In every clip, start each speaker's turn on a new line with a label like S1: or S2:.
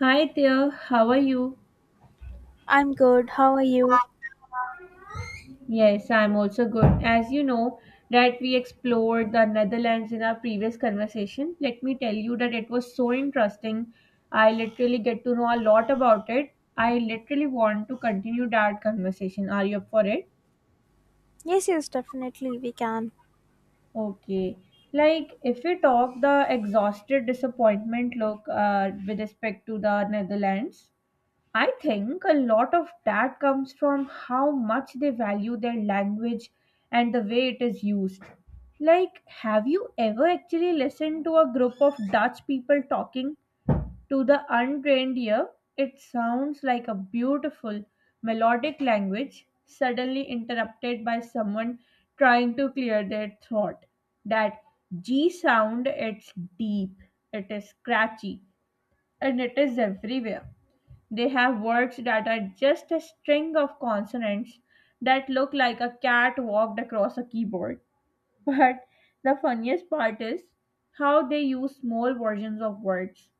S1: Hi there, how are you?
S2: I'm good. How are you?
S1: Yes, I'm also good. As you know, that we explored the Netherlands in our previous conversation. Let me tell you that it was so interesting. I literally get to know a lot about it. I literally want to continue that conversation. Are you up for it?
S2: Yes, definitely we can.
S1: Okay. Like, if we talk the exhausted disappointment look with respect to the Netherlands, I think a lot of that comes from how much they value their language and the way it is used. Like, have you ever actually listened to a group of Dutch people talking? To the untrained ear, it sounds like a beautiful, melodic language suddenly interrupted by someone trying to clear their throat. That G sound, it's deep, it is scratchy, and it is everywhere. They have words that are just a string of consonants that look like a cat walked across a keyboard. But the funniest part is how they use small versions of words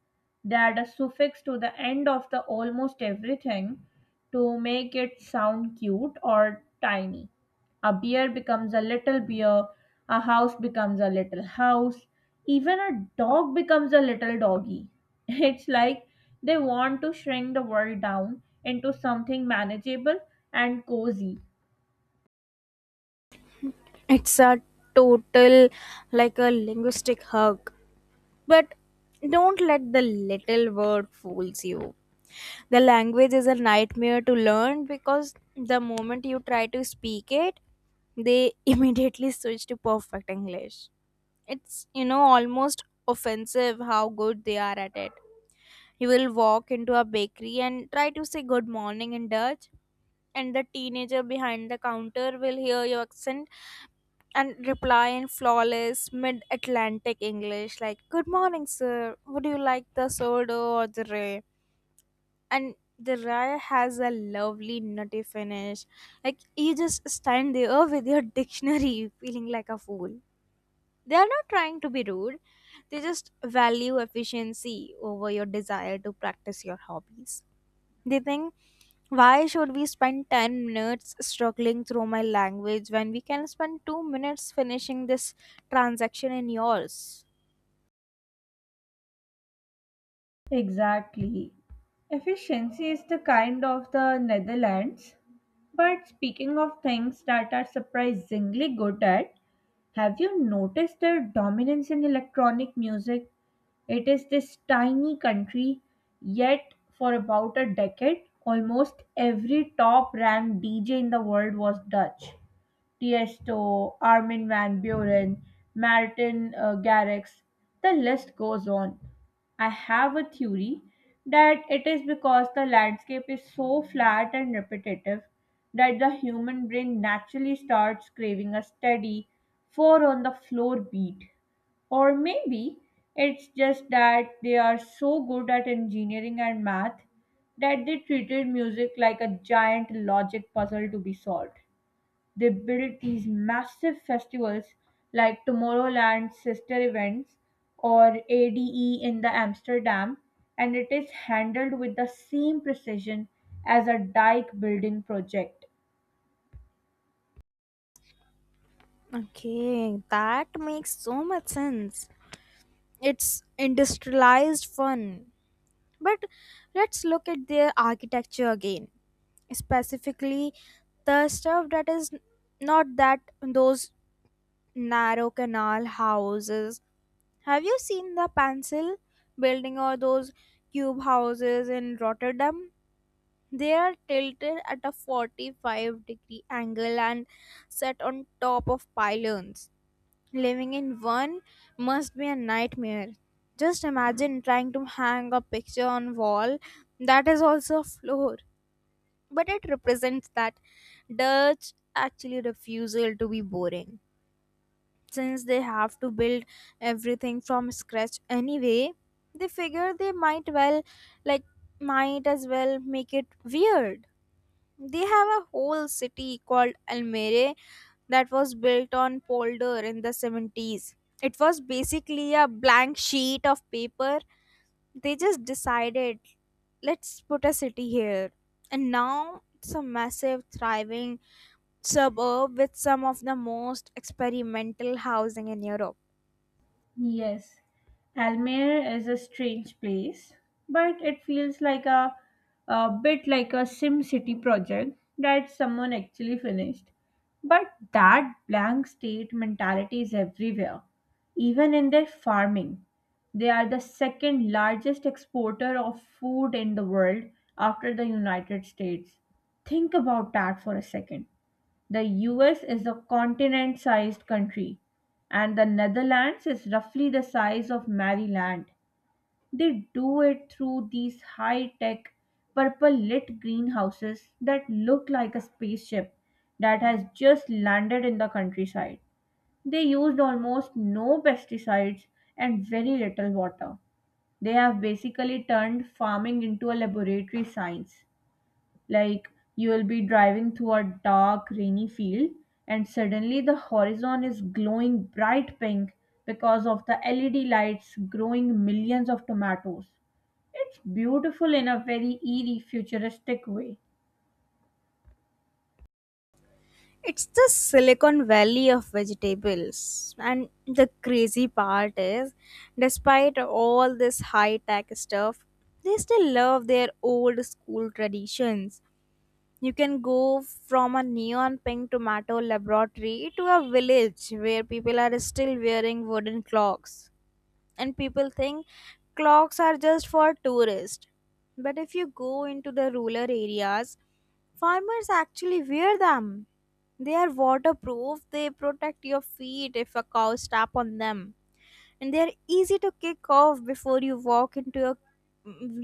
S1: that are suffixed to the end of the almost everything to make it sound cute or tiny. A beer becomes a little beer, a house becomes a little house, even a dog becomes a little doggy. It's like they want to shrink the world down into something manageable and cozy.
S2: It's a total like a linguistic hug. But don't let the little word fools you. The language is a nightmare to learn because the moment you try to speak it, they immediately switch to perfect English. It's almost offensive how good they are at it. You will walk into a bakery and try to say good morning in Dutch, and the teenager behind the counter will hear your accent and reply in flawless mid Atlantic English, like, good morning, sir. Would you like the soda or the ray? And the ray has a lovely nutty finish. Like, you just stand there with your dictionary feeling like a fool. They are not trying to be rude, they just value efficiency over your desire to practice your hobbies. They think, why should we spend 10 minutes struggling through my language when we can spend 2 minutes finishing this transaction in yours?
S1: Exactly. Efficiency is the kind of the Netherlands. But speaking of things that are surprisingly good at, have you noticed their dominance in electronic music? It is this tiny country, yet, for about a decade, almost every top ranked DJ in the world was Dutch. Tiesto, Armin van Buren, Martin Garrix, the list goes on. I have a theory that it is because the landscape is so flat and repetitive that the human brain naturally starts craving a steady, four on the floor beat. Or maybe it's just that they are so good at engineering and math that they treated music like a giant logic puzzle to be solved. They built these massive festivals like Tomorrowland sister events or ADE in the Amsterdam, and it is handled with the same precision as a dike building project.
S2: Okay, that makes so much sense. It's industrialized fun. But let's look at their architecture again. Specifically, the stuff that is not that those narrow canal houses. Have you seen the pencil building or those cube houses in Rotterdam? They are tilted at a 45-degree angle and set on top of pylons. Living in one must be a nightmare. Just imagine trying to hang a picture on wall that is also a floor, but it represents that Dutch actually refusal to be boring. Since they have to build everything from scratch anyway, they figure they like might as well make it weird. They have a whole city called almere that was built on polder in the 70s. It was basically a blank sheet of paper. They just decided, let's put a city here, and now it's a massive thriving suburb with some of the most experimental housing in Europe.
S1: Yes, Almere is a strange place, but it feels like a bit like a Sim City project that someone actually finished. But that blank state mentality is everywhere, even in their farming. They are the second largest exporter of food in the world after the United States. Think about that for a second. The US is a continent sized country, and the Netherlands is roughly the size of Maryland. They do it through these high tech, purple lit greenhouses that look like a spaceship that has just landed in the countryside. They used almost no pesticides and very little water. They have basically turned farming into a laboratory science. Like you will be driving through a dark, rainy field, and suddenly the horizon is glowing bright pink because of the LED lights growing millions of tomatoes. It's beautiful in a very eerie, futuristic way.
S2: It's the Silicon Valley of vegetables. And the crazy part is, despite all this high tech stuff, they still love their old school traditions. You can go from a neon pink tomato laboratory to a village where people are still wearing wooden clocks, and people think clocks are just for tourists. But if you go into the rural areas, farmers actually wear them. They are waterproof, they protect your feet if a cow step on them, and they are easy to kick off before you walk into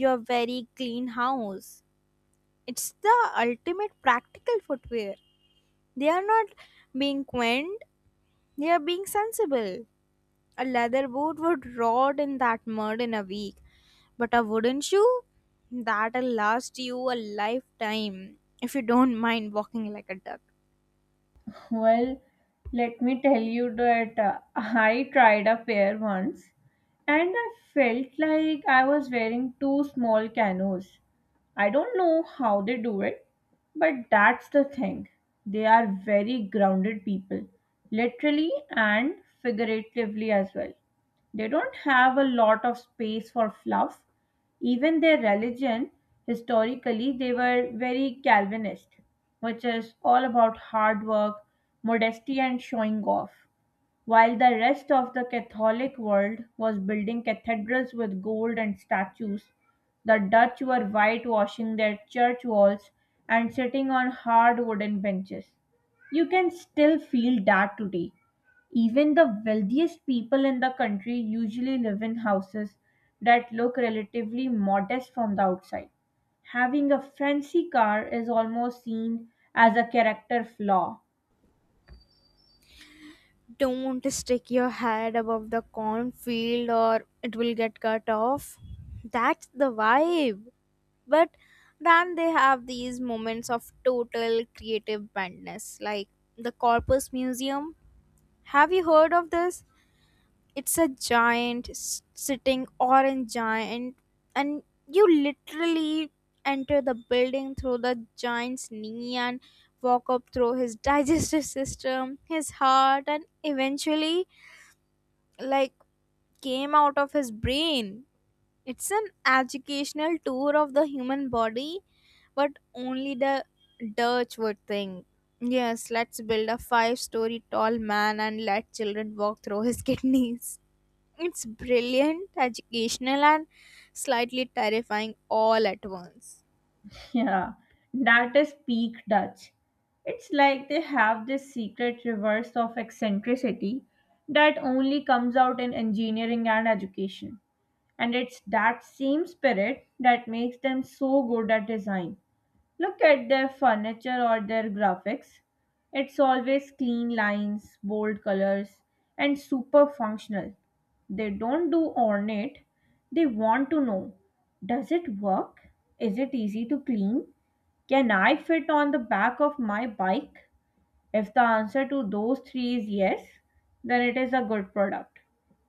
S2: your very clean house. It's the ultimate practical footwear. They are not being quaint, they are being sensible. A leather boot would rot in that mud in a week, but a wooden shoe, that'll last you a lifetime if you don't mind walking like a duck.
S1: Well, let me tell you that I tried a pair once and I felt like I was wearing two small canoes. I don't know how they do it, but that's the thing. They are very grounded people, literally and figuratively as well. They don't have a lot of space for fluff, even their religion, historically, they were very Calvinist, which is all about hard work, modesty, and showing off, while the rest of the Catholic world was building cathedrals with gold and statues. The Dutch were whitewashing their church walls and sitting on hard wooden benches. You can still feel that today even the wealthiest people in the country usually live in houses that look relatively modest from the outside. Having a fancy car is almost seen as a character flaw.
S2: Don't stick your head above the cornfield or it will get cut off. That's the vibe. But then they have these moments of total creative madness, like the Corpus Museum. Have you heard of this? It's a giant sitting orange giant, and you literally enter the building through the giant's knee and walk up through his digestive system, his heart, and eventually, like, came out of his brain. It's an educational tour of the human body, but only the Dutch would think, yes, let's build a five-story tall man and let children walk through his kidneys. It's brilliant, educational, and slightly terrifying all at once.
S1: Yeah, that is peak Dutch. It's like they have this secret reverse of eccentricity that only comes out in engineering and education. And it's that same spirit that makes them so good at design. Look at their furniture or their graphics. It's always clean lines, bold colors, and super functional. They don't do ornate, they want to know, does it work? Is it easy to clean? Can I fit on the back of my bike? If the answer to those three is yes, then it is a good product.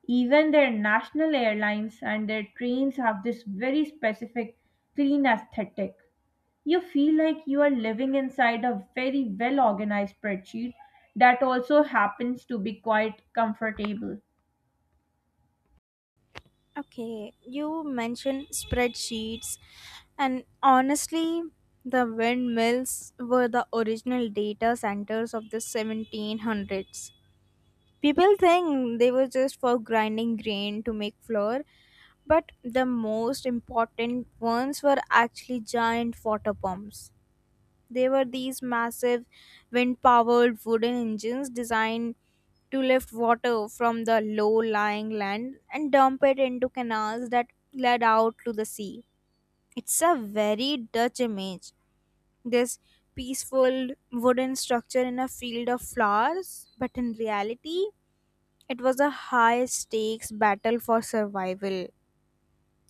S1: Even their national airlines and their trains have this very specific clean aesthetic. You feel like you are living inside a very well organized spreadsheet that also happens to be quite comfortable.
S2: Okay, you mentioned spreadsheets, and honestly, the windmills were the original data centers of the 1700s. People think they were just for grinding grain to make flour, but the most important ones were actually giant water pumps. They were these massive wind powered wooden engines designed to lift water from the low lying land and dump it into canals that led out to the sea. It's a very Dutch image, this peaceful wooden structure in a field of flowers, but in reality, it was a high stakes battle for survival.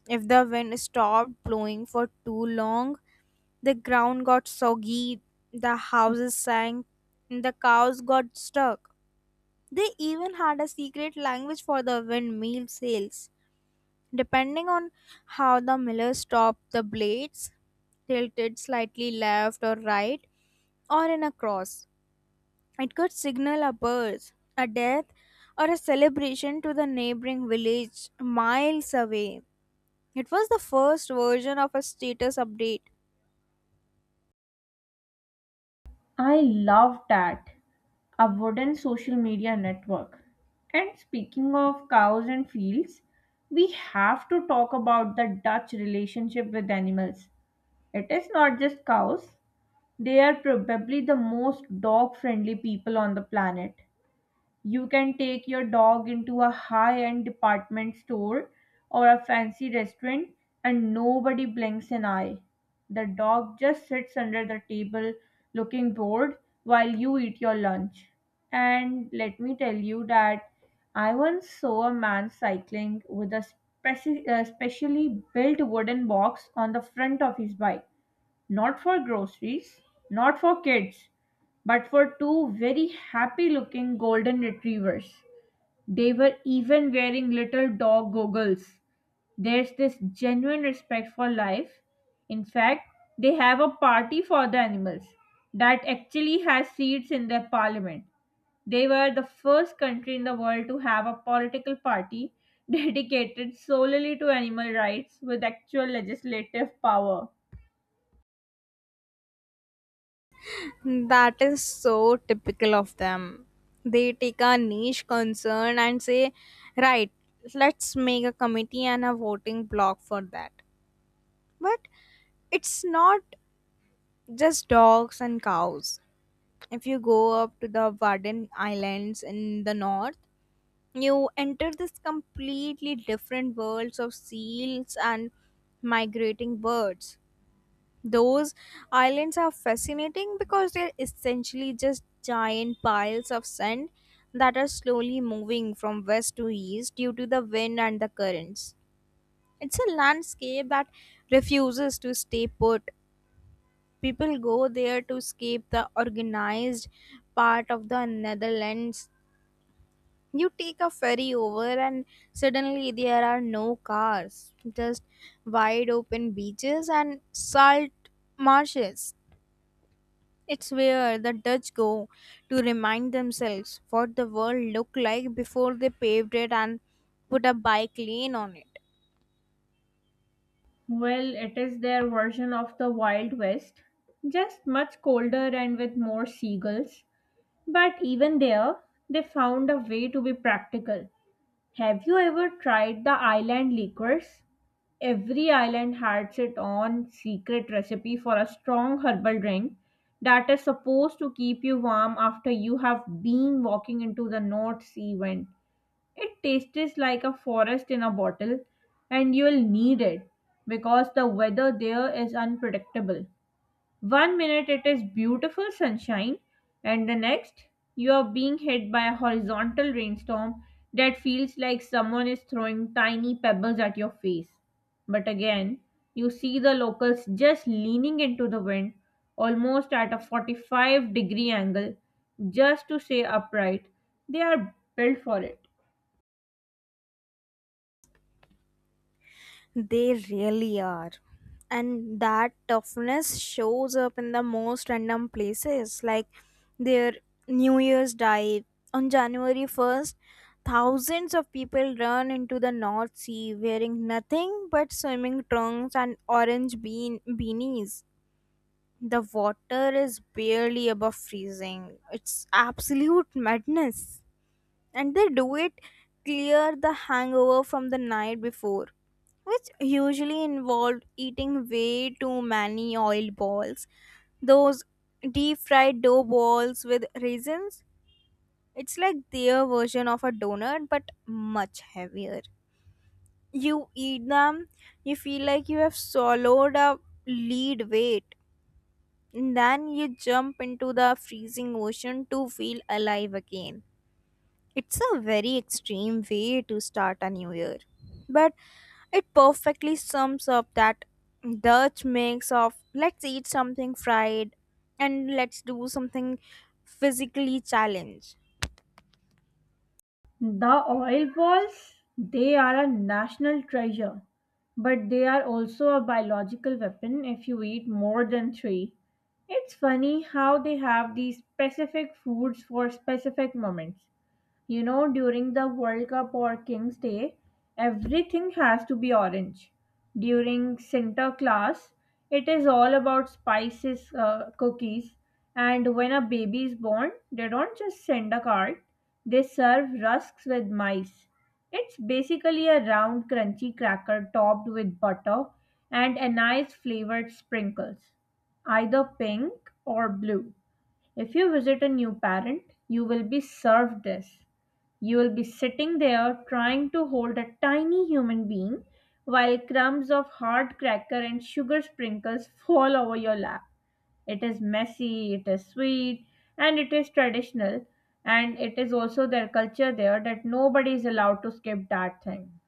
S2: If the wind stopped blowing for too long, the ground got soggy, the houses sank, and the cows got stuck. They even had a secret language for the windmill sails. Depending on how the miller stopped the blades, tilted slightly left or right, or in a cross, it could signal a birth, a death, or a celebration to the neighboring village miles away. It was the first version of a status update.
S1: I love that. A wooden social media network. And speaking of cows and fields, we have to talk about the Dutch relationship with animals. It is not just cows, they are probably the most dog friendly people on the planet. You can take your dog into a high end department store or a fancy restaurant, and nobody blinks an eye. The dog just sits under the table looking bored while you eat your lunch. And let me tell you that I once saw a man cycling with a specially built wooden box on the front of his bike. Not for groceries, not for kids, but for two very happy looking golden retrievers. They were even wearing little dog goggles. There's this genuine respect for life. In fact, they have a party for the animals that actually has seats in their parliament. They were the first country in the world to have a political party dedicated solely to animal rights with actual legislative power.
S2: That is so typical of them. They take a niche concern and say, right, let's make a committee and a voting block for that. But it's not just dogs and cows. If you go up to the Warden Islands in the north, you enter this completely different worlds of seals and migrating birds. Those islands are fascinating because they're essentially just giant piles of sand that are slowly moving from west to east due to the wind and the currents. It's a landscape that refuses to stay put. People go there to escape the organized part of the Netherlands. You take a ferry over, and suddenly there are no cars, just wide open beaches and salt marshes. It's where the Dutch go to remind themselves what the world looked like before they paved it and put a bike lane on it.
S1: Well, it is their version of the Wild West, just much colder and with more seagulls. But even there, they found a way to be practical. Have you ever tried the island liquors? Every island has its own secret recipe for a strong herbal drink that is supposed to keep you warm after you have been walking into the North Sea wind. It tastes like a forest in a bottle, and you'll need it because the weather there is unpredictable. One minute it is beautiful sunshine, and the next you are being hit by a horizontal rainstorm that feels like someone is throwing tiny pebbles at your face. But again, you see the locals just leaning into the wind almost at a 45-degree angle just to stay upright. They are built for it.
S2: They really are. And that toughness shows up in the most random places, like their New Year's dive. On January 1st, thousands of people run into the North Sea wearing nothing but swimming trunks and orange bean beanies. The water is barely above freezing. It's absolute madness. And they do it clear the hangover from the night before, which usually involved eating way too many oil balls. Those deep fried dough balls with raisins. It's like their version of a donut, but much heavier. You eat them, you feel like you have swallowed a lead weight. And then you jump into the freezing ocean to feel alive again. It's a very extreme way to start a new year. But it perfectly sums up that Dutch mix of let's eat something fried and let's do something physically challenged.
S1: The oil balls, they are a national treasure, but they are also a biological weapon if you eat more than three. It's funny how they have these specific foods for specific moments. You know, during the World Cup or King's Day, everything has to be orange. During Santa Sinterklaas, it is all about spices, cookies, and when a baby is born, they don't just send a card, they serve rusks with mice. It's basically a round, crunchy cracker topped with butter and anise flavored sprinkles, either pink or blue. If you visit a new parent, you will be served this. You will be sitting there trying to hold a tiny human being while crumbs of hard cracker and sugar sprinkles fall over your lap. It is messy, it is sweet, and it is traditional, and it is also their culture there that nobody is allowed to skip that thing.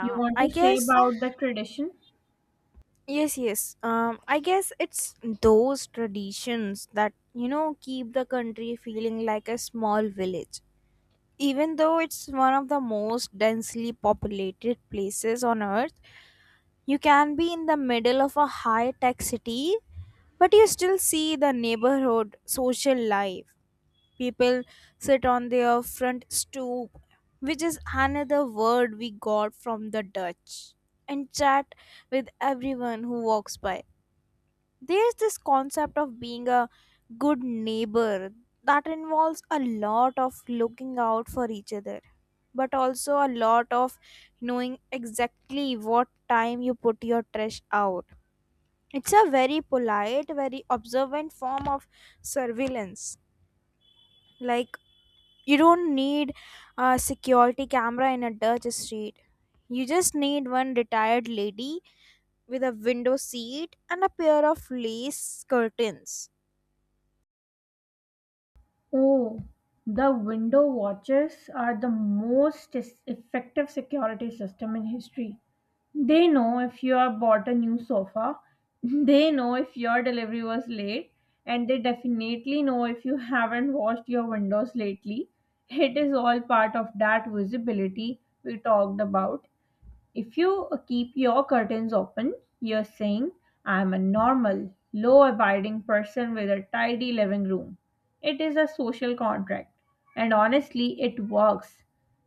S1: You want
S2: I
S1: to say
S2: guess
S1: about the tradition?
S2: yes, yes. I guess it's those traditions that keep the country feeling like a small village. Even though it's one of the most densely populated places on earth, you can be in the middle of a high tech city, but you still see the neighborhood social life. People sit on their front stoop, which is another word we got from the Dutch, and chat with everyone who walks by. There's this concept of being a good neighbor that involves a lot of looking out for each other, but also a lot of knowing exactly what time you put your trash out. It's a very polite, very observant form of surveillance. Like, you don't need a security camera in a Dutch street, you just need one retired lady with a window seat and a pair of lace curtains.
S1: Oh, the window watchers are the most effective security system in history. They know if you have bought a new sofa, they know if your delivery was late, and they definitely know if you haven't washed your windows lately. It is all part of that visibility we talked about, if you keep your curtains open, you're saying, I'm a normal, law abiding person with a tidy living room. It is a social contract, and honestly, it works.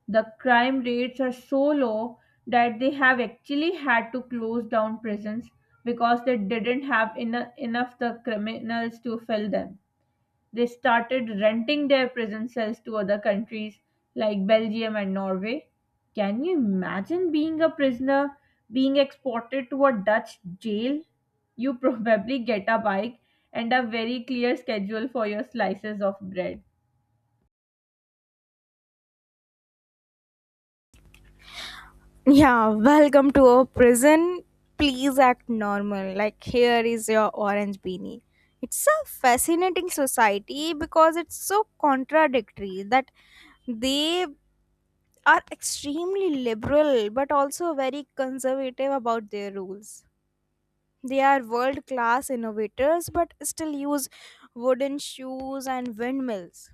S1: The crime rates are so low that they have actually had to close down prisons because they didn't have enough the criminals to fill them. They started renting their prison cells to other countries like Belgium and Norway. Can you imagine being a prisoner being exported to a Dutch jail? You probably get a bike and a very clear schedule for your slices of bread.
S2: Yeah, welcome to our prison. Please act normal. Like, here is your orange beanie. It's a fascinating society because it's so contradictory that they are extremely liberal but also very conservative about their rules. They are world class innovators but still use wooden shoes and windmills.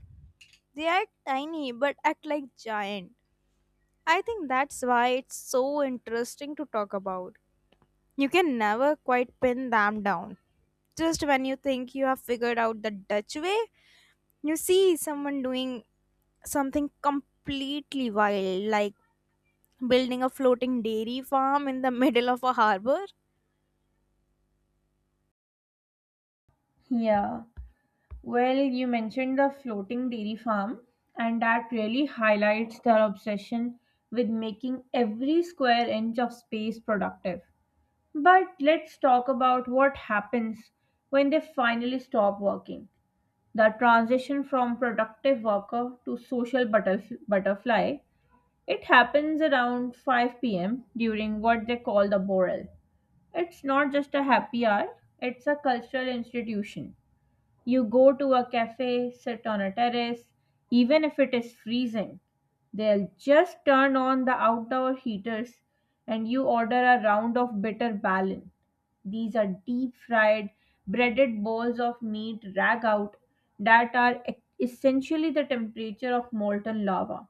S2: They are tiny but act like giant. I think that's why it's so interesting to talk about. You can never quite pin them down. Just when you think you have figured out the Dutch way, you see someone doing something completely wild, like building a floating dairy farm in the middle of a harbor.
S1: Yeah. Well, you mentioned the floating dairy farm, and that really highlights their obsession with making every square inch of space productive. But let's talk about what happens when they finally stop working. The transition from productive worker to social butterfly, it happens around 5 p.m. during what they call the Borel. It's not just a happy hour, it's a cultural institution. You go to a cafe, sit on a terrace, even if it is freezing. They'll just turn on the outdoor heaters and you order a round of bitter ballon. These are deep fried, breaded balls of meat rag out that are essentially the temperature of molten lava.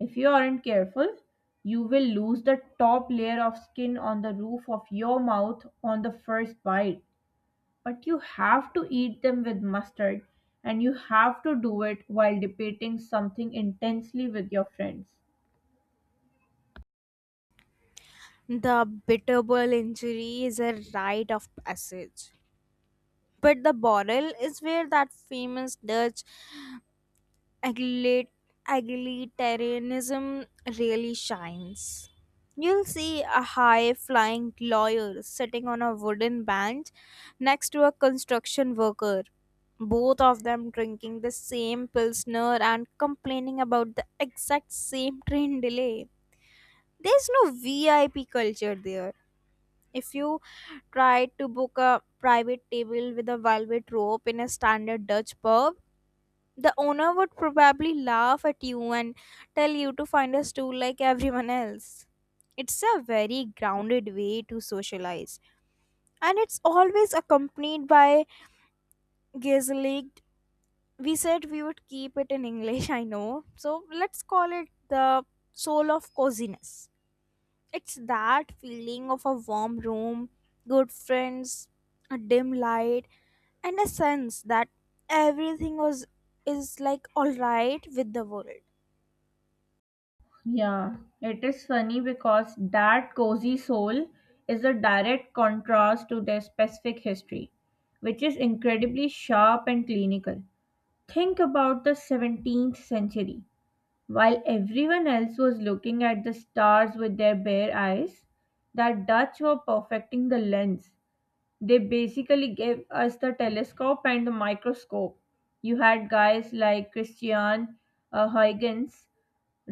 S1: If you aren't careful, you will lose the top layer of skin on the roof of your mouth on the first bite, but you have to eat them with mustard, and you have to do it while debating something intensely with your friends.
S2: The bitterball injury is a rite of passage. But the bottle is where that famous Dutch aglit- egalitarianism really shines. You'll see a high flying lawyer sitting on a wooden bench next to a construction worker, both of them drinking the same Pilsner and complaining about the exact same train delay. There's no VIP culture there. If you try to book a private table with a velvet rope in a standard Dutch pub, the owner would probably laugh at you and tell you to find a stool like everyone else. It's a very grounded way to socialize, and it's always accompanied by gaslight. We said we would keep it in English, I know, so let's call it the soul of coziness. It's that feeling of a warm room, good friends, a dim light, and a sense that everything was is all right with the world.
S1: Yeah, it is funny because that cozy soul is a direct contrast to their specific history, which is incredibly sharp and clinical. Think about the 17th century. While everyone else was looking at the stars with their bare eyes, the Dutch were perfecting the lens. They basically gave us the telescope and the microscope. You had guys like Christian Huygens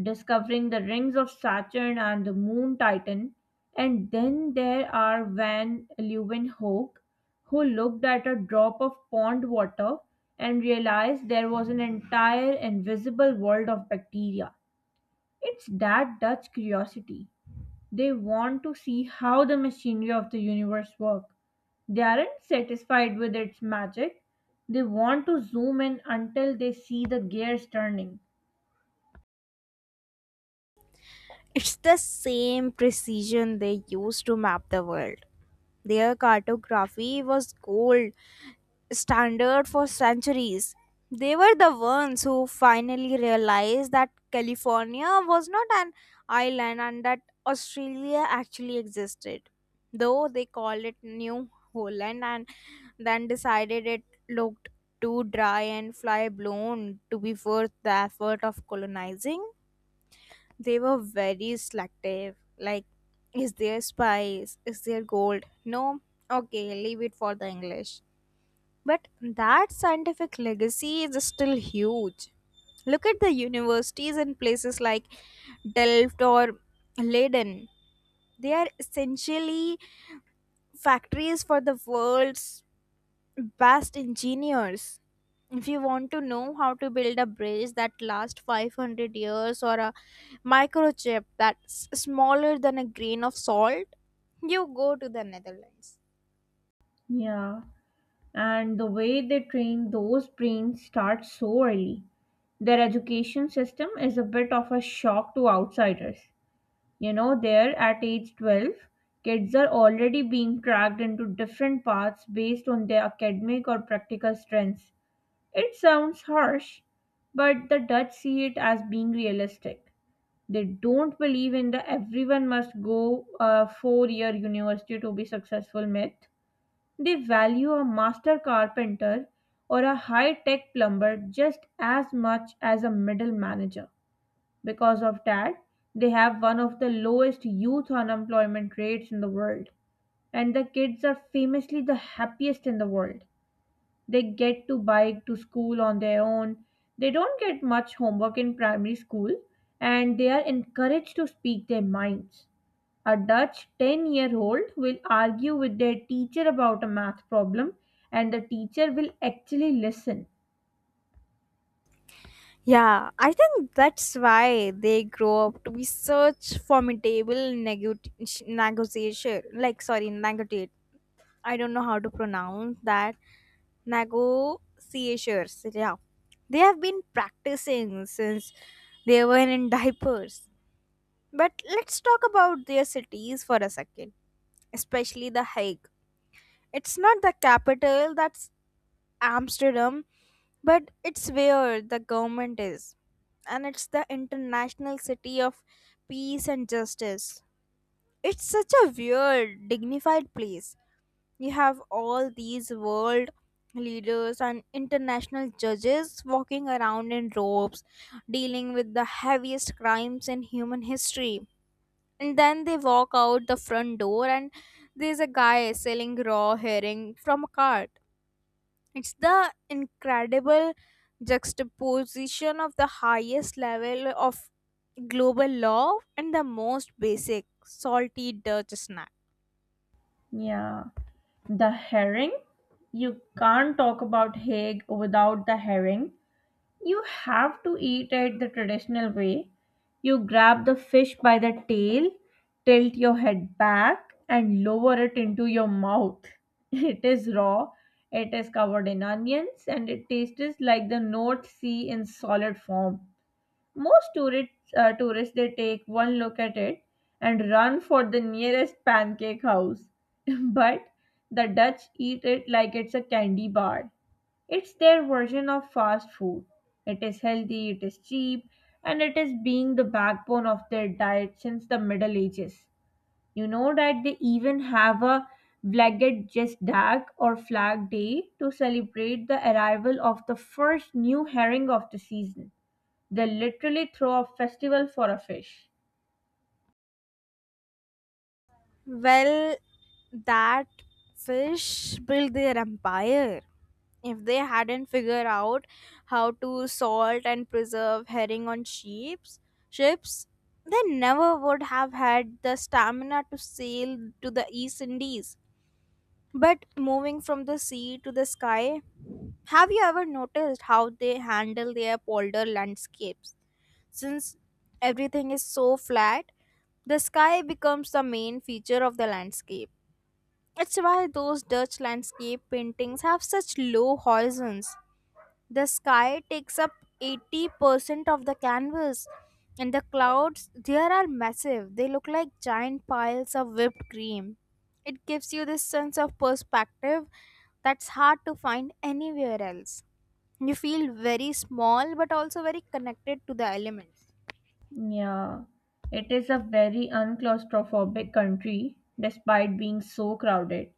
S1: discovering the rings of Saturn and the moon Titan. And then there are Van Leeuwenhoek, who looked at a drop of pond water and realized there was an entire invisible world of bacteria. It's that Dutch curiosity. They want to see how the machinery of the universe work. They aren't satisfied with its magic. They want to zoom in until they see the gears turning.
S2: It's the same precision they used to map the world. Their cartography was gold standard for centuries. They were the ones who finally realized that California was not an island and that Australia actually existed. Though they called it New Holland and then decided it looked too dry and fly blown to be worth the effort of colonizing. They were very selective. Like, is there spice? Is there gold? No? Okay, leave it for the English. But that scientific legacy is still huge. Look at the universities and places like Delft or Leiden. They are essentially factories for the world's best engineers. If you want to know how to build a bridge that lasts 500 years or a microchip that's smaller than a grain of salt, you go to the Netherlands.
S1: Yeah, and the way they train those brains starts so early. Their education system is a bit of a shock to outsiders. You know, there at age 12, kids are already being tracked into different paths based on their academic or practical strengths. It sounds harsh, but the Dutch see it as being realistic. They don't believe in the everyone must go a 4-year university to be successful myth. They value a master carpenter or a high tech plumber just as much as a middle manager. Because of that, they have one of the lowest youth unemployment rates in the world, and the kids are famously the happiest in the world. They get to bike to school on their own. They don't get much homework in primary school, and they are encouraged to speak their minds. A Dutch 10-year-old year old will argue with their teacher about a math problem, and the teacher will actually listen.
S2: Yeah, I think that's why they grow up to be such formidable negotiator. Like, sorry, negotiator. I don't know how to pronounce that. Negotiators. Yeah. They have been practicing since they were in diapers. But let's talk about their cities for a second, especially The Hague. It's not the capital, that's Amsterdam, but it's where the government is. And it's the international city of peace and justice. It's such a weird, dignified place. You have all these world leaders and international judges walking around in robes dealing with the heaviest crimes in human history, and then they walk out the front door and there's a guy selling raw herring from a cart. It's the incredible juxtaposition of the highest level of global law and the most basic salty Dutch snack.
S1: Yeah. The herring? You can't talk about Haig without the herring. You have to eat it the traditional way. You grab the fish by the tail, tilt your head back, and lower it into your mouth. It is raw, it is covered in onions, and it tastes like the North Sea in solid form. Most tourists they take one look at it and run for the nearest pancake house. But the Dutch eat it like it's a candy bar. It's their version of fast food. It is healthy, it is cheap, and it is being the backbone of their diet since the Middle Ages. You know that they even have a Vlagget Jesdag, or Flag Day, to celebrate the arrival of the first new herring of the season. They literally throw a festival for a fish.
S2: Well, that fish built their empire. If they hadn't figured out how to salt and preserve herring on ships, they never would have had the stamina to sail to the East Indies. But moving from the sea to the sky, have you ever noticed how they handle their polder landscapes? Since everything is so flat, the sky becomes the main feature of the landscape. It's why those Dutch landscape paintings have such low horizons. The sky takes up 80% of the canvas, and the clouds there are massive. They look like giant piles of whipped cream. It gives you this sense of perspective that's hard to find anywhere else. You feel very small but also very connected to the elements.
S1: Yeah, it is a very unclaustrophobic country despite being so crowded.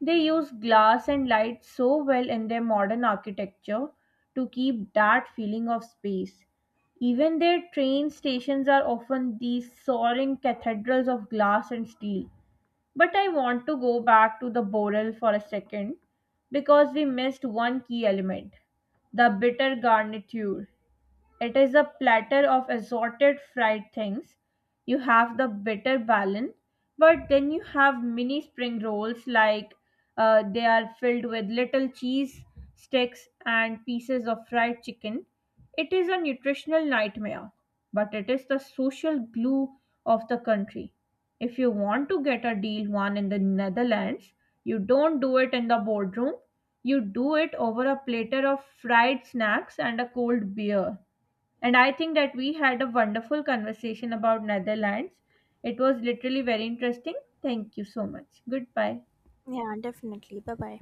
S1: They use glass and light so well in their modern architecture to keep that feeling of space. Even their train stations are often these soaring cathedrals of glass and steel. But I want to go back to the boreal for a second because we missed one key element: the bitter garniture. It is a platter of assorted fried things. You have the bitter ballon, but then you have mini spring rolls, like, they are filled with little cheese sticks and pieces of fried chicken. It is a nutritional nightmare, but it is the social glue of the country. If you want to get a deal one in the Netherlands, you don't do it in the boardroom. You do it over a platter of fried snacks and a cold beer. And I think that we had a wonderful conversation about Netherlands. It was literally very interesting. Thank you so much. Goodbye.
S2: Yeah, definitely. Bye bye.